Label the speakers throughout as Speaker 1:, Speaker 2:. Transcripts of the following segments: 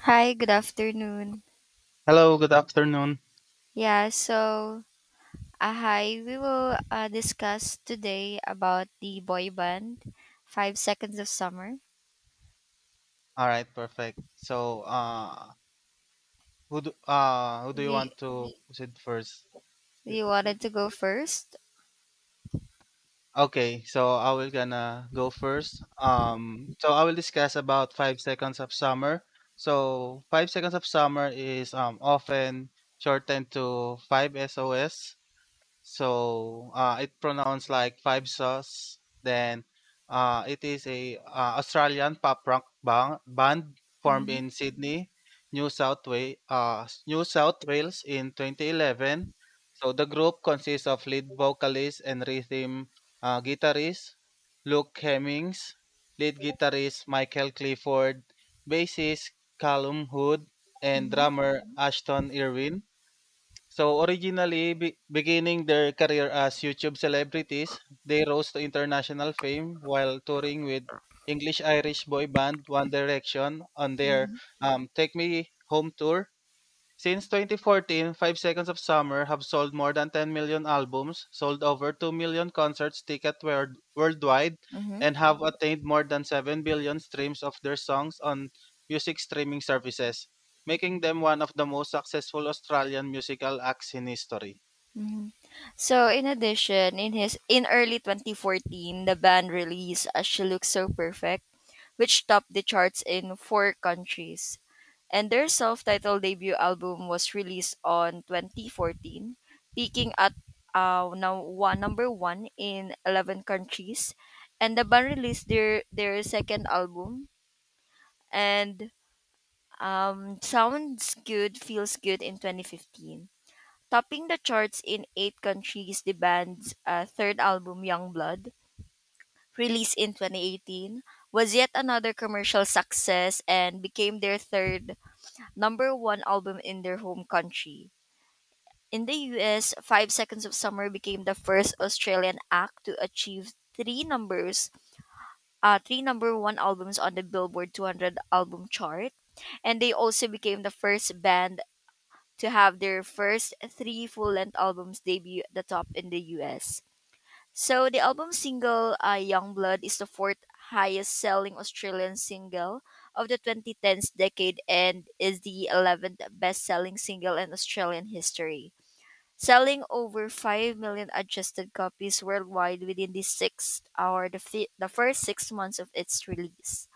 Speaker 1: Hi, good afternoon.
Speaker 2: Hello, good afternoon.
Speaker 1: Yeah, so hi, we will discuss today about the boy band, Five Seconds of Summer.
Speaker 2: All right, perfect. So, who do
Speaker 1: Do
Speaker 2: you
Speaker 1: you,
Speaker 2: want to proceed first?
Speaker 1: do
Speaker 2: Y-
Speaker 1: you
Speaker 2: y-
Speaker 1: wanted to go first?
Speaker 2: Okay, so I will gonna go first. So I will discuss about five seconds of summer. So five seconds of summer is often shortened to five SOS. So, it pronounced like Five Sauce. Then it is a Australian pop rock band formed
Speaker 1: Mm-hmm,
Speaker 2: in Sydney, New South Wales in 2011. So the group consists of lead vocalist and rhythm guitarist Luke Hemmings, lead guitarist Michael Clifford, bassist Callum Hood, and
Speaker 1: mm-hmm,
Speaker 2: drummer Ashton Irwin. So originally, beginning their career as YouTube celebrities, they rose to international fame while touring with English-Irish boy band One Direction on their
Speaker 1: mm-hmm,
Speaker 2: "Take Me Home" tour. Since 2014, Five Seconds of Summer have sold more than 10 million albums, sold over 2 million concerts ticket worldwide,
Speaker 1: mm-hmm,
Speaker 2: and have attained more than 7 billion streams of their songs on music streaming services, making them one of the most successful Australian musical acts in history.
Speaker 1: mm-hmm. So, in addition, in early 2014, the band released "As She Looks So Perfect," which topped the charts in four countries. And their self-titled debut album was released on 2014, peaking at number one in 11 countries. And the band released their second album, and Sounds Good, Feels Good in 2015. Topping the charts in eight countries, the band's third album, Young Blood, released in 2018, was yet another commercial success and became their third number one album in their home country. In the US, Five Seconds of Summer became the first Australian act to achieve three number one albums on the Billboard 200 album chart, and they also became the first band to have their first three full length albums debut at the top in the US. So the album single Young Blood is the fourth highest selling Australian single of the 2010s decade and is the 11th best selling single in Australian history, selling over 5 million adjusted copies worldwide within the sixth or the, fi- the first 6 months of its release.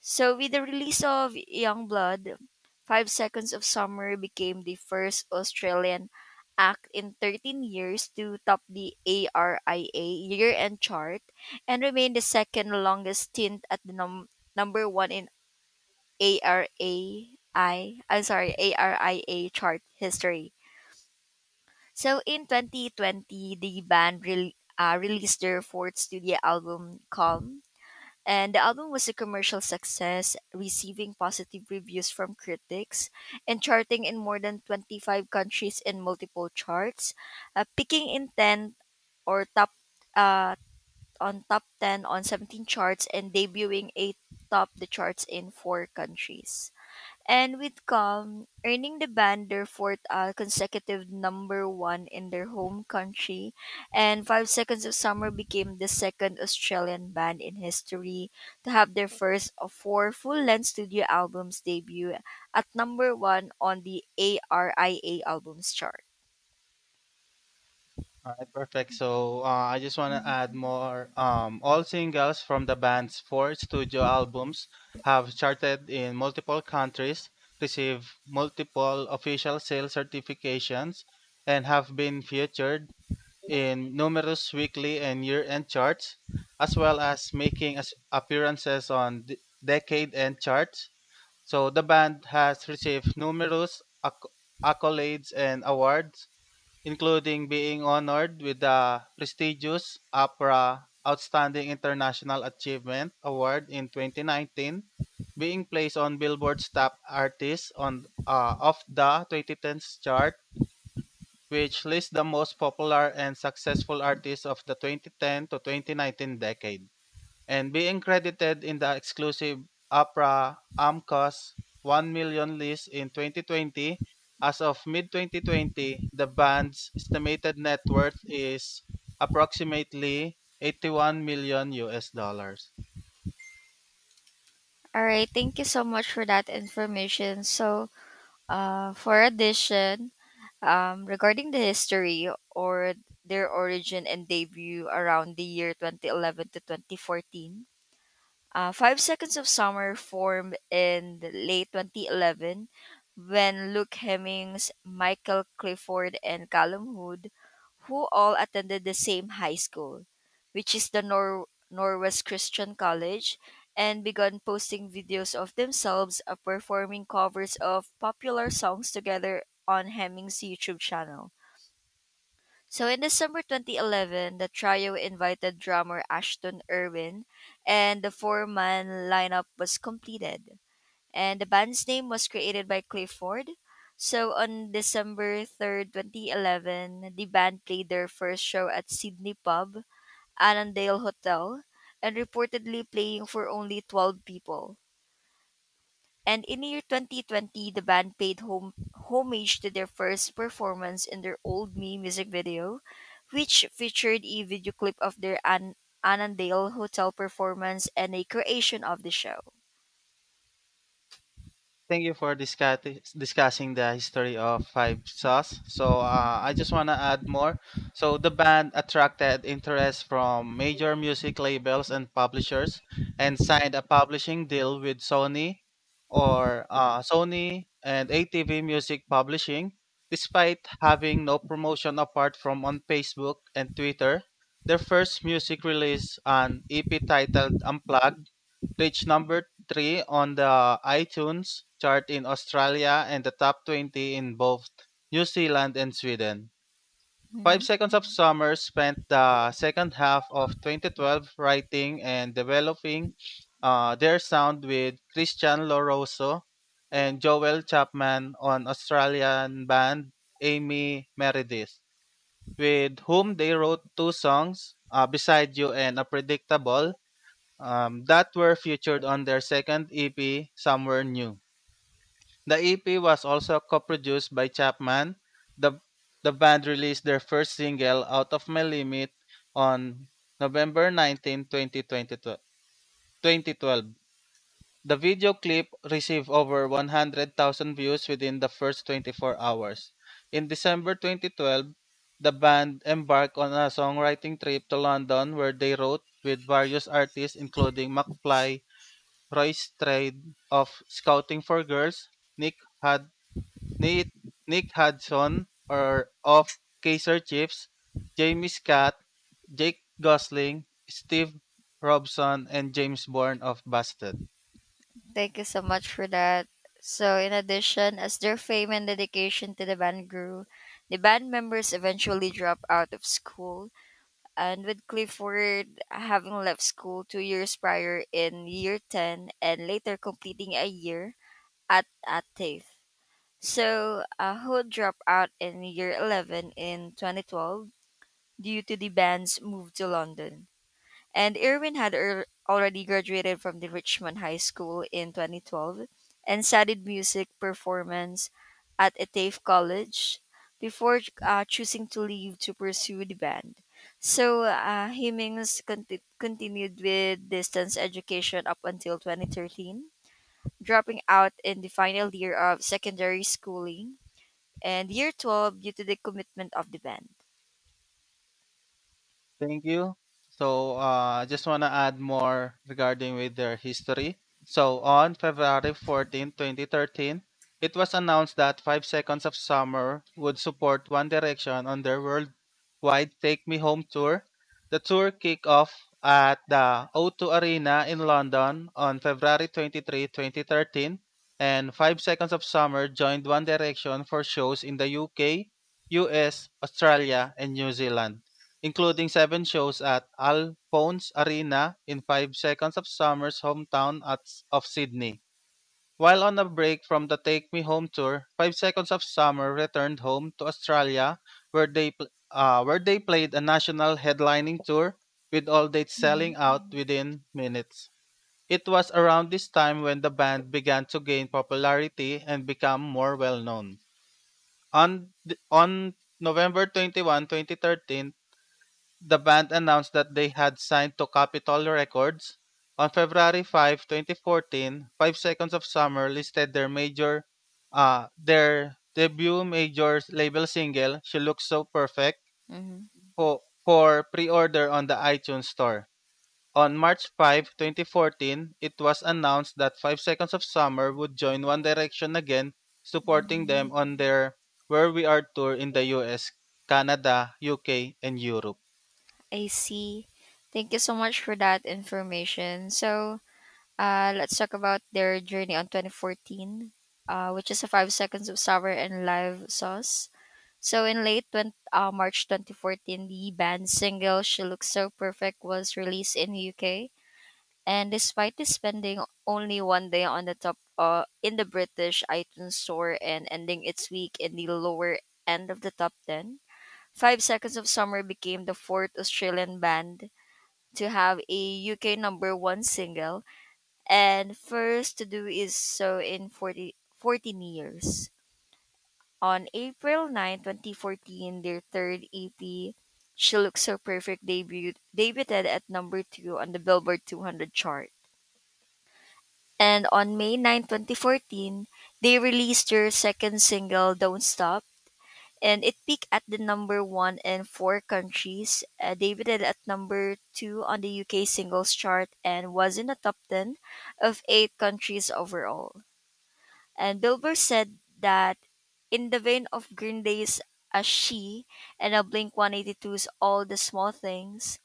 Speaker 1: So with the release of Youngblood, Five Seconds of Summer became the first Australian act in 13 years to top the ARIA year-end chart and remain the second longest stint at the number 1 in ARII I'm sorry, ARIA chart history. So in 2020, the band released their fourth studio album, Calm, and the album was a commercial success, receiving positive reviews from critics and charting in more than 25 countries in multiple charts, peaking in 10 or top uh, on top 10 on 17 charts and debuting 8 top the charts in 4 countries and with Calm earning the band their fourth consecutive number one in their home country, and Five Seconds of Summer became the second Australian band in history to have their first of four full-length studio albums debut at number one on the ARIA albums chart.
Speaker 2: All right, perfect. So, I just want to add more. All singles from the band's four studio albums have charted in multiple countries, received multiple official sales certifications, and have been featured in numerous weekly and year-end charts, as well as making appearances on decade-end charts. So the band has received numerous acc- accolades and awards, including being honored with the prestigious APRA Outstanding International Achievement Award in 2019, being placed on Billboard's Top Artists on of the 2010s chart, which lists the most popular and successful artists of the 2010 to 2019 decade, and being credited in the exclusive APRA AMCOS 1 million list in 2020. As of mid 2020, the band's estimated net worth is approximately 81 million US dollars.
Speaker 1: All right, thank you so much for that information. So, for addition, regarding the history or their origin and debut around the year 2011 to 2014, Five Seconds of Summer formed in the late 2011 when Luke Hemmings, Michael Clifford, and Callum Hood, who all attended the same high school, which is the Norwest Christian College, and began posting videos of themselves performing covers of popular songs together on Hemmings' YouTube channel. So in December 2011, the trio invited drummer Ashton Irwin, and the four-man lineup was completed. And the band's name was created by Clifford. So on December 3rd, 2011, the band played their first show at Sydney Pub, Annandale Hotel, and reportedly playing for only 12 people. And in the year 2020, the band paid homage to their first performance in their Old Me music video, which featured a video clip of their Annandale Hotel performance and a creation of the show.
Speaker 2: Thank you for discussing the history of Five Sauce. So, I just want to add more. So the band attracted interest from major music labels and publishers, and signed a publishing deal with Sony, or Sony and ATV Music Publishing. Despite having no promotion apart from on Facebook and Twitter, their first music release, an EP titled "Unplugged," reached number 3 on the iTunes chart in Australia and the top 20 in both New Zealand and Sweden. Five
Speaker 1: Mhm.
Speaker 2: Seconds of Summer spent the second half of 2012 writing and developing their sound with Christian Loroso and Joel Chapman on Australian band Amy Meredith, with whom they wrote two songs, Beside You and a predictable, that were featured on their second EP, Somewhere New. The EP was also co-produced by Chapman. The, the band released their first single, Out of My Limit, on November 19, 2012. The video clip received over 100,000 views within the first 24 hours. In December 2012, the band embarked on a songwriting trip to London where they wrote with various artists including McFly, Roy's trade of scouting for girls, Nick had Nick, Nick Hudson or of Kaiser Chiefs, Jamie Scott, Jake Gosling, Steve Robson, and James Bourne of Busted.
Speaker 1: Thank you so much for that. So, in addition, as their fame and dedication to the band grew, the band members eventually dropped out of school. And with Clifford having left school 2 years prior in year 10 and later completing a year at TAFE. So, who dropped out in year 11 in 2012 due to the band's move to London. And Irwin had already graduated from the Richmond High School in 2012 and studied music performance at a TAFE college before choosing to leave to pursue the band. So, Hemings continued with distance education up until 2013 dropping out in the final year of secondary schooling and year 12 due to the commitment of the band.
Speaker 2: Thank you. So, I just want to add more regarding with their history. So on February 14, 2013, it was announced that 5 Seconds of Summer would support One Direction on their worldwide Take Me Home tour. The tour kicked off at the O2 Arena in London on February 23, 2013, and 5 Seconds of Summer joined One Direction for shows in the UK, US, Australia, and New Zealand, including seven shows at Alphonse Arena in five seconds of summer's hometown of Sydney. While on a break from the Take Me Home tour, Five Seconds of Summer returned home to Australia, where they played a national headlining tour with all dates
Speaker 1: Mhm.
Speaker 2: selling out within minutes. It was around this time when the band began to gain popularity and become more well known. On November 21, 2013, the band announced that they had signed to Capitol Records. On February 5, 2014, Five Seconds of Summer listed their debut major label single She Looks So Perfect
Speaker 1: Mhm.
Speaker 2: for, pre-order on the iTunes store. On March 5, 2014, it was announced that Five Seconds of Summer would join One Direction again, supporting them on their Where We Are tour in the US, Canada, UK, and Europe.
Speaker 1: I see. Thank you so much for that information. So, let's talk about their journey on 2014, which is a five seconds of sour and live sauce. So, in late March 2014, the band's single "She Looks So Perfect" was released in the UK, and despite this spending only 1 day on the top in the British iTunes store and ending its week in the lower end of the top ten, Five Seconds of Summer became the fourth Australian band to have a UK number one single and first to do is so in 40 14 years. On April 9, 2014, their third EP, She Looks So Perfect, debuted at number two on the Billboard 200 chart. And on May 9, 2014, they released their second single, Don't Stop, and it peaked at the number one in four countries, debuted at number two on the UK singles chart, and was in the top 10 of eight countries overall. And Billboard said that in the vein of Green Day's As She and a Blink 182's All the Small Things,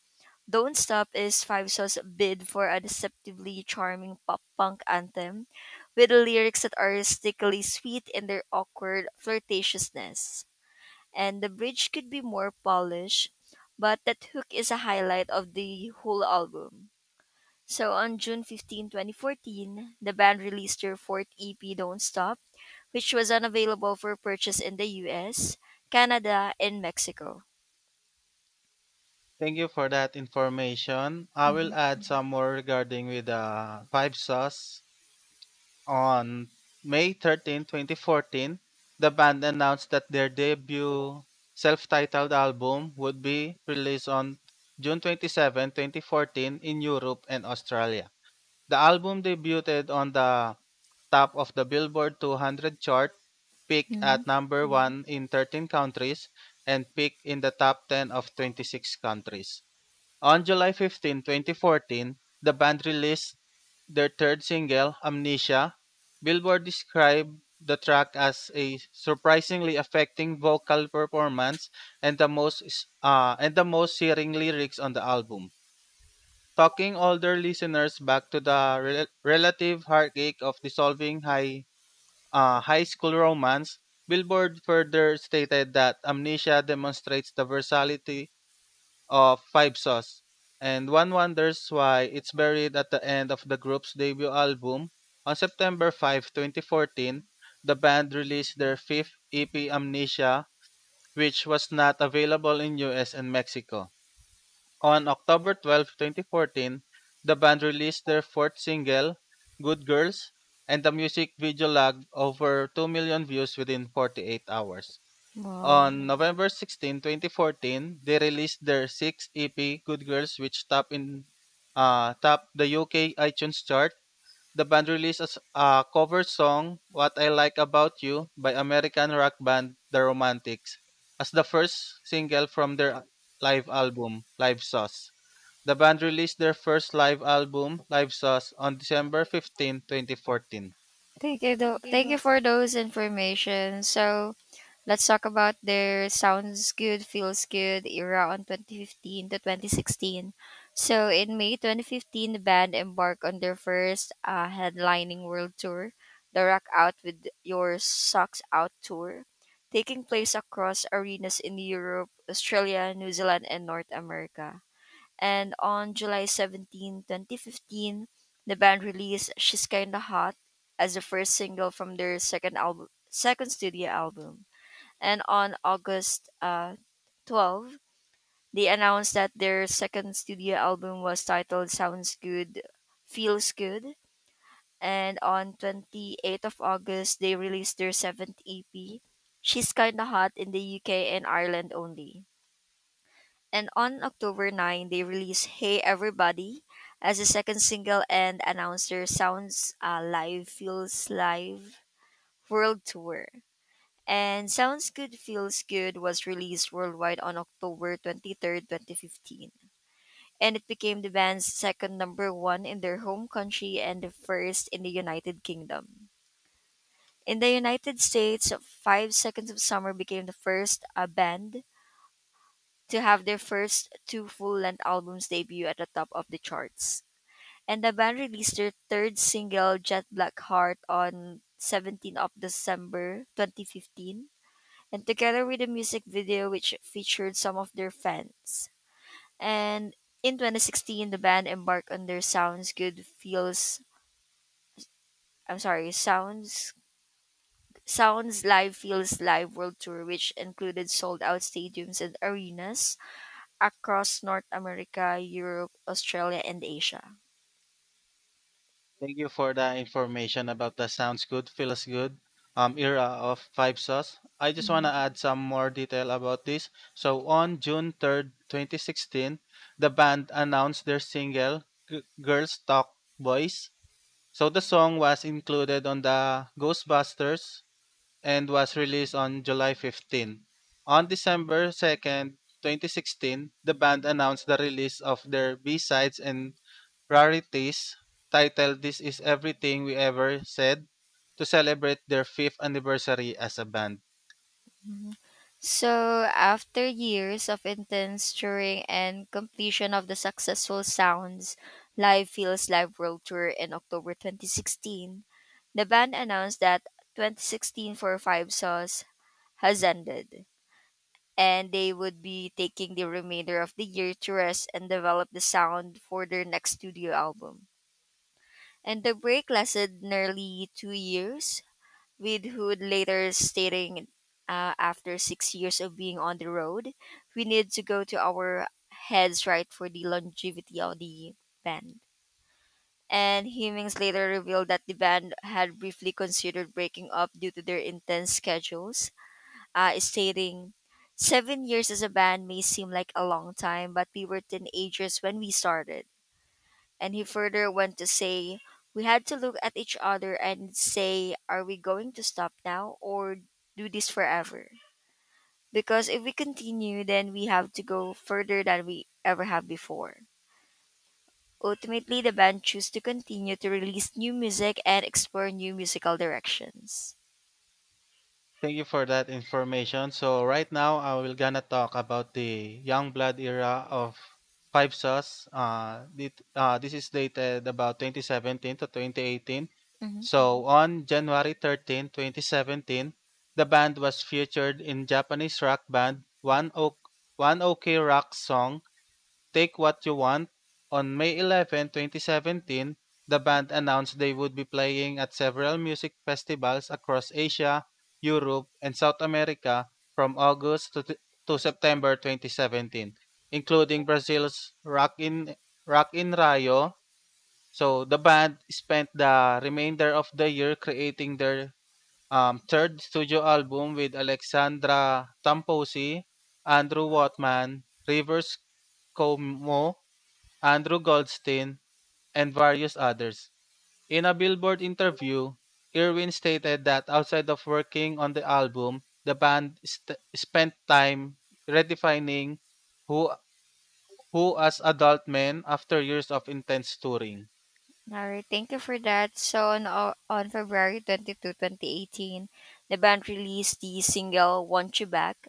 Speaker 1: don't Stop is Five Saw's bid for a deceptively charming pop punk anthem with lyrics that are stickily sweet in their awkward flirtatiousness. And the bridge could be more polished, but that hook is a highlight of the whole album. So on June 15, 2014, the band released their fourth EP, Don't Stop, which was unavailable for purchase in the US, Canada, and Mexico.
Speaker 2: Thank you for that information. I
Speaker 1: Mhm.
Speaker 2: will add some more regarding with the Five Sauce. On May 13, 2014, the band announced that their debut self-titled album would be released on June 27, 2014 in Europe and Australia. The album debuted on the top of the Billboard 200 chart, peaked
Speaker 1: Mhm.
Speaker 2: at number 1 in 13 countries, and peaked in the top 10 of 26 countries. On July 15, 2014, the band released their third single, Amnesia. Billboard described the track as a surprisingly affecting vocal performance and the most and the most searing lyrics on the album, talking older listeners back to the relative heartache of dissolving high school romance. Billboard further stated that Amnesia demonstrates the versatility of Five Sauce, and one wonders why it's buried at the end of the group's debut album. On September 5, 2014, the band released their fifth EP Amnesia, which was not available in US and Mexico. On October 12, 2014, the band released their fourth single, Good Girls, and the music video logged over 2 million views within 48 hours.
Speaker 1: Wow.
Speaker 2: On November 16, 2014, they released their sixth EP, Good Girls, which topped the UK iTunes chart. The band released a cover song, What I Like About You, by American rock band The Romantics, as the first single from their live album, Live Sauce. The band released their first live album, Live Sauce, on December 15, 2014.
Speaker 1: Thank you, though. Thank you for those information. So let's talk about their sounds good, feels good era on 2015 to 2016. So in May 2015, the band embarked on their first headlining world tour, the Rock Out with Your Socks Out tour, taking place across arenas in Europe, Australia, New Zealand, and North America. And on July 17, 2015, the band released She's Kinda Hot as the first single from their second album, second studio album. And on August 12, they announced that their second studio album was titled Sounds Good, Feels Good. And on 28th of August, they released their seventh EP, She's Kinda Hot in the UK and Ireland only and on October 9, they released Hey Everybody as a second single and announced their Sounds Live Feels Live World Tour. And Sounds Good Feels Good was released worldwide on October 23rd, 2015. And it became the band's second number one in their home country and the first in the United Kingdom. In the United States, Five Seconds of Summer became the first band to have their first two full-length albums debut at the top of the charts. And the band released their third single, Jet Black Heart, on 17 of December 2015, and together with a music video which featured some of their fans. And in 2016, the band embarked on their I'm sorry, Sounds Live Feels Live World Tour, which included sold out stadiums and arenas across North America, Europe, Australia, and Asia.
Speaker 2: Thank you for the information about the sounds good, feels good era of Five Sauce. I just want
Speaker 1: Mhm.
Speaker 2: to add some more detail about this. So, on June 3rd, 2016, the band announced their single, Girls Talk Boys. So, the song was included on the Ghostbusters and was released on July 15. On December 2nd, 2016, the band announced the release of their B-sides and rarities titled This Is Everything We Ever Said to celebrate their fifth anniversary as a band.
Speaker 1: Mhm. So, after years of intense touring and completion of the successful Sounds Live Feels Live World Tour in October 2016, the band announced that 2016 for Five Sauce has ended, and they would be taking the remainder of the year to rest and develop the sound for their next studio album. And the break lasted nearly 2 years, with Hood later stating, after 6 years of being on the road, we need to go to our heads right for the longevity of the band. And Hemings later revealed that the band had briefly considered breaking up due to their intense schedules, stating, "7 years as a band may seem like a long time, but we were teenagers when we started. And he further went to say, We had to look at each other and say, Are we going to stop now or do this forever? Because if we continue, then we have to go further than we ever have before. Ultimately, the band chose to continue to release new music and explore new musical directions.
Speaker 2: Thank you for that information. So right now, I will gonna talk about the young blood era of Five Sauce. This is dated about 2017 to 2018.
Speaker 1: Mhm.
Speaker 2: So on January 13, 2017, the band was featured in Japanese rock band One OK Rock song Take What You Want. On May 11, 2017, the band announced they would be playing at several music festivals across Asia, Europe, and South America from August to September 2017, including Brazil's Rock in Rio. So the band spent the remainder of the year creating their third studio album with Alexandra Tamposi, Andrew Watman, Rivers Como, Andrew Goldstein, and various others. In a Billboard interview, Irwin stated that outside of working on the album, the band spent time redefining who who as adult men after years of intense touring.
Speaker 1: All right, thank you for that. So on February 22, 2018, the band released the single Want You Back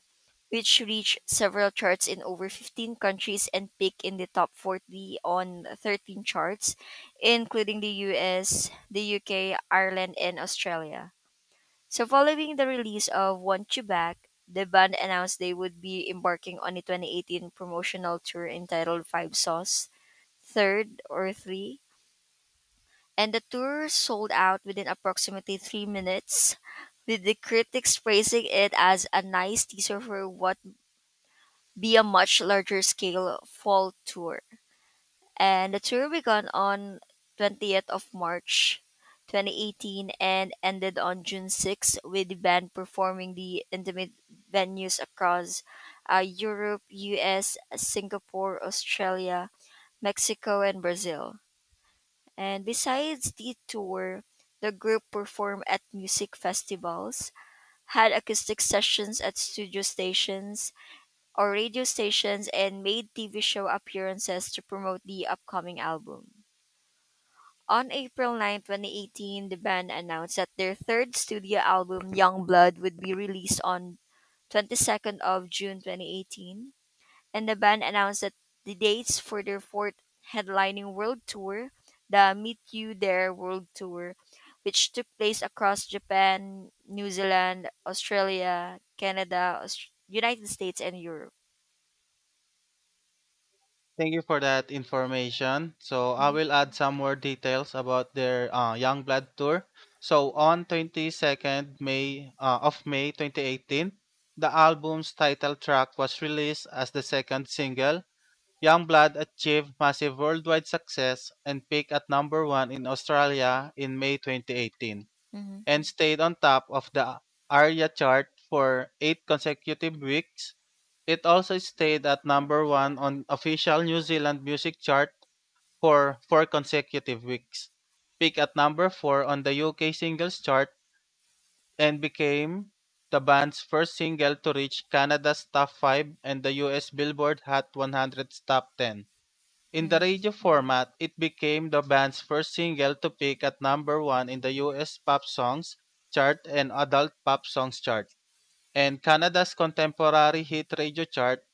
Speaker 1: which reached several charts in over 15 countries and peaked in the top 40 on 13 charts, including the US, the UK, Ireland, and Australia. So, following the release of Want You Back, the band announced they would be embarking on a 2018 promotional tour entitled Five Sauce, Third or Three, and the tour sold out within approximately 3 minutes, with the critics praising it as a nice teaser for what be a much larger scale fall tour. And the tour began on 20th of March 2018 and ended on June 6 with the band performing the intimate venues across Europe, US, Singapore, Australia, Mexico, and Brazil. And besides the tour, the group performed at music festivals, had acoustic sessions at studio stations, or radio stations and made TV show appearances to promote the upcoming album. On April 9, 2018, the band announced that their third studio album, Young Blood, would be released on 22nd of June 2018, and the band announced that the dates for their fourth headlining world tour, the Meet You There World Tour, which took place across Japan, New Zealand, Australia, Canada, United States, and Europe.
Speaker 2: Thank you for that information. So I
Speaker 1: Mhm.
Speaker 2: will add some more details about their Young Blood tour. So on 22nd May uh, of May 2018, the album's title track was released as the second single. Youngblood achieved massive worldwide success and peaked at number 1 in Australia in May 2018,
Speaker 1: Mhm.
Speaker 2: and stayed on top of the ARIA chart for 8 consecutive weeks. It also stayed at number 1 on official New Zealand music chart for 4 consecutive weeks. Peaked at number 4 on the UK singles chart and became the band's first single to reach Canada's top 5 and the US Billboard Hot 100's top 10. In the
Speaker 1: Mhm.
Speaker 2: radio format, it became the band's first single to peak at number one in the US Pop Songs chart and Adult Pop Songs chart, and Canada's contemporary hit radio chart.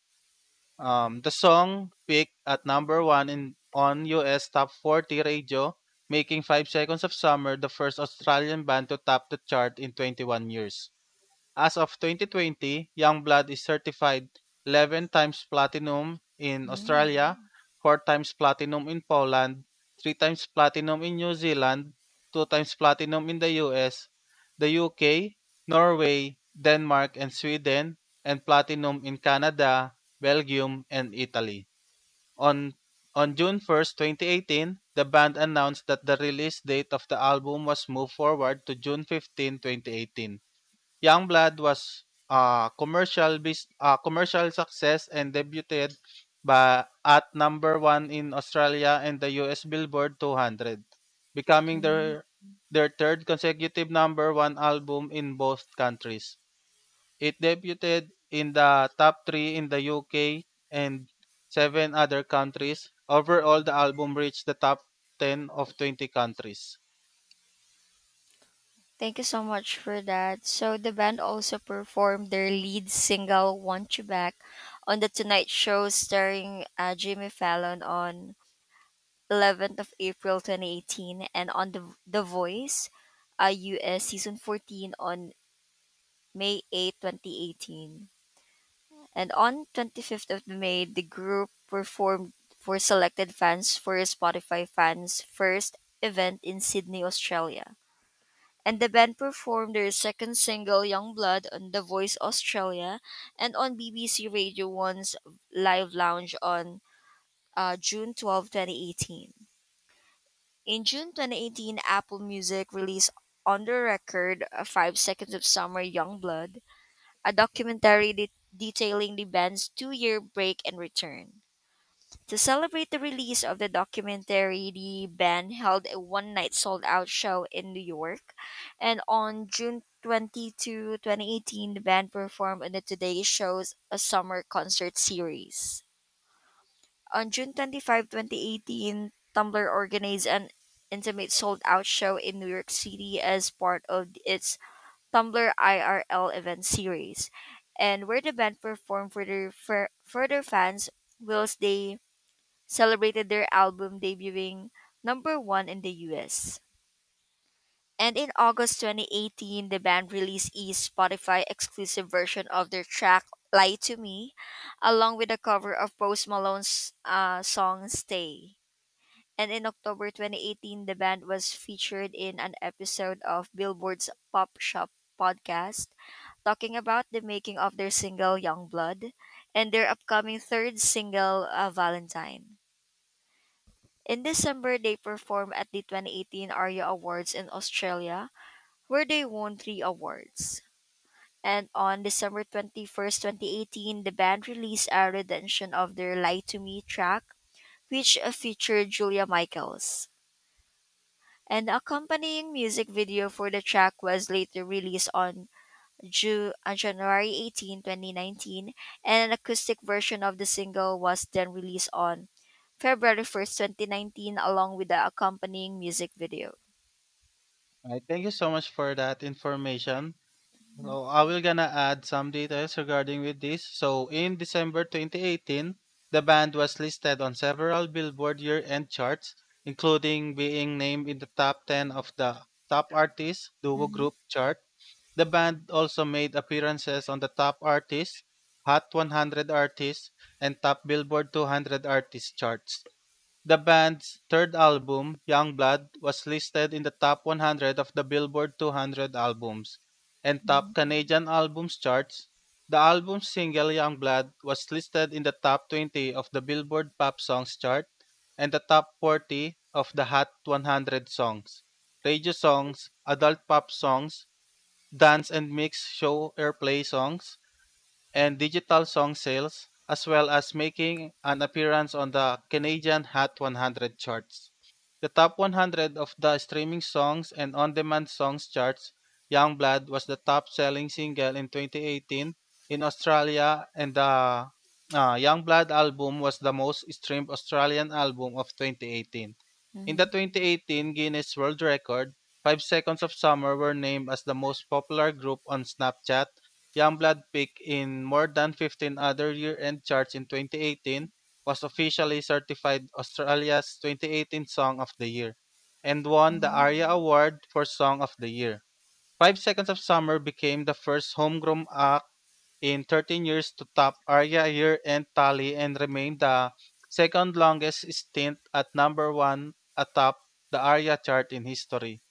Speaker 2: The song peaked at number one in on US Top 40 radio, making Five Seconds of Summer the first Australian band to top the chart in 21 years. As of 2020, Youngblood is certified 11 times platinum in Australia, 4 times platinum in Poland, 3 times platinum in New Zealand, 2 times platinum in the US, the UK, Norway, Denmark, and Sweden, and platinum in Canada, Belgium, and Italy. On on June 1st, 2018, the band announced that the release date of the album was moved forward to June 15, 2018. Youngblood was a commercial success and debuted ba at number 1 in Australia and the US Billboard 200, becoming
Speaker 1: Mhm.
Speaker 2: their third consecutive number 1 album in both countries. It debuted in the top 3 in the UK and 7 other countries. Overall, the album reached the top 10 of 20 countries.
Speaker 1: Thank you so much for that. So the band also performed their lead single "Want You Back" on the Tonight Show, starring Jimmy Fallon on 11th of April 2018, and on the Voice, US season 14 on May 8, 2018. And on 25th of May, the group performed for selected fans for a Spotify Fans First event in Sydney, Australia. And the band performed their second single Youngblood on The Voice Australia and on BBC Radio 1's Live Lounge on June 12, 2018. In June 2018, Apple Music released On the Record 5 Seconds of Summer Youngblood, a documentary detailing the band's two-year break and return. To celebrate the release of the documentary, the band held a one night sold out show in New York. And on June 22, 2018, the band performed on the Today Show's A Summer Concert Series. On June 25, 2018, Tumblr organized an intimate sold out show in New York City as part of its Tumblr IRL event series, and where the band performed for their further fans whilst they celebrated their album debuting number one in the US. And in August 2018, the band released a Spotify exclusive version of their track Lie to Me, along with a cover of Post Malone's song Stay. And in October 2018, the band was featured in an episode of Billboard's Pop Shop podcast, talking about the making of their single Young Blood and their upcoming third single, Valentine. In December, they performed at the 2018 ARIA Awards in Australia, where they won three awards. And on December 21st, 2018, the band released a rendition of their Lie to Me track, which featured Julia Michaels. An accompanying music video for the track was later released on on January 18, 2019, and an acoustic version of the single was then released on February 1st, 2019, along with the accompanying music video.
Speaker 2: Alright, thank you so much for that information. So I will gonna add some details regarding with this. So in December 2018, the band was listed on several Billboard year-end charts, including being named in the top 10 of the Top Artist Duo Group chart. The band also made appearances on the Top Artist, Hot 100 Artists, and Top Billboard 200 Artists charts. The band's third album, "Youngblood", was listed in the top 100 of the Billboard 200 albums and top Canadian albums charts. The album's single "Youngblood" was listed in the top 20 of the Billboard Pop Songs chart and the top 40 of the Hot 100 songs, radio songs, adult pop songs, dance and mix show airplay songs, and digital song sales, as well as making an appearance on the Canadian Hot 100 charts. The top 100 of the streaming songs and on demand songs charts, Youngblood was the top selling single in 2018 in Australia, and the Youngblood album was the most streamed Australian album of 2018. In the 2018 Guinness World Record, Five Seconds of Summer were named as the most popular group on Snapchat. Youngblood peaked in more than 15 other year-end charts in 2018, was officially certified Australia's 2018 Song of the Year, and won the ARIA Award for Song of the Year. Five Seconds of Summer became the first homegrown act in 13 years to top ARIA year-end tally and remained the second longest stint at number one atop the ARIA chart in history.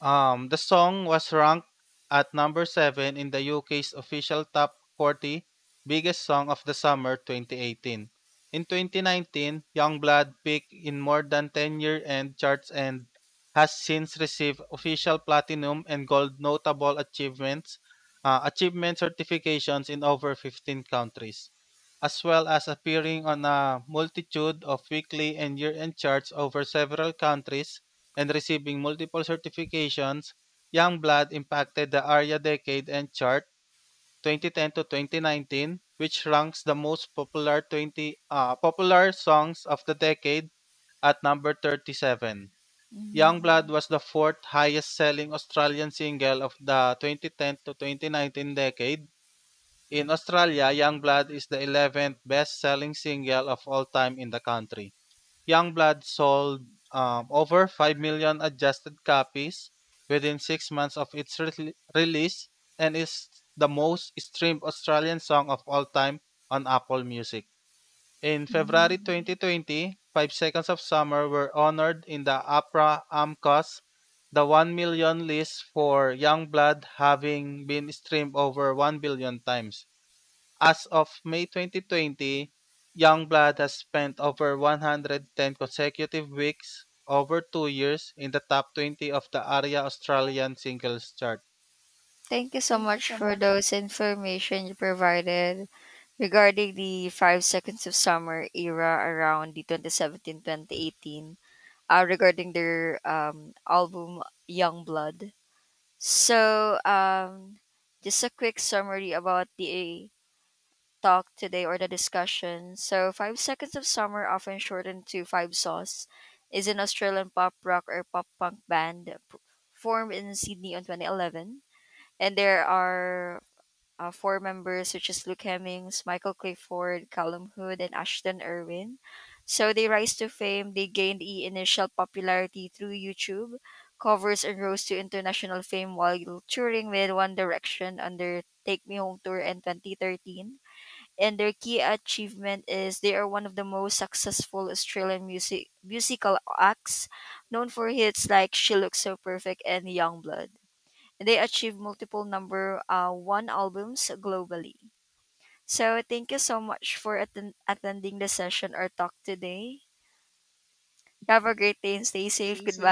Speaker 2: The song was ranked at number 7 in the UK's official Top 40 Biggest Song of the Summer 2018. In 2019, Youngblood peaked in more than 10 year end charts and has since received official platinum and gold notable achievements, achievement certifications in over 15 countries, as well as appearing on a multitude of weekly and year end charts over several countries and receiving multiple certifications. Youngblood impacted the ARIA Decade and Chart 2010 to 2019, which ranks the most popular 20 popular songs of the decade at number 37. Youngblood was the fourth highest selling Australian single of the 2010 to 2019 decade. In Australia, Youngblood is the 11th best selling single of all time in the country. Youngblood sold over 5 million adjusted copies within 6 months of its release and is the most streamed Australian song of all time on Apple Music. In February 2020, Five Seconds of Summer were honored in the APRA AMCOS, the 1 million list for Youngblood having been streamed over 1 billion times. As of May 2020, Youngblood has spent over 110 consecutive weeks over 2 years in the top 20 of the ARIA Australian Singles Chart.
Speaker 1: Thank you so much for those information you provided regarding the five seconds of summer era around the 2017 2018 regarding their album Young Blood. So, um, just a quick summary about the talk today or the discussion. So, Five Seconds of Summer, often shortened to Five Sauce, is an Australian pop rock or pop punk formed in Sydney in 2011. And there are four members, which is Luke Hemmings, Michael Clifford, Callum Hood, and Ashton Irwin. So they rise to fame. They gained initial popularity through YouTube covers and rose to international fame while touring with One Direction on their Take Me Home tour in 2013. And their key achievement is they are one of the most successful Australian musical acts, known for hits like "She Looks So Perfect" and "Youngblood." They achieved multiple number one albums globally. So thank you so much for attending the session or talk today. Have a great day and stay safe. Goodbye.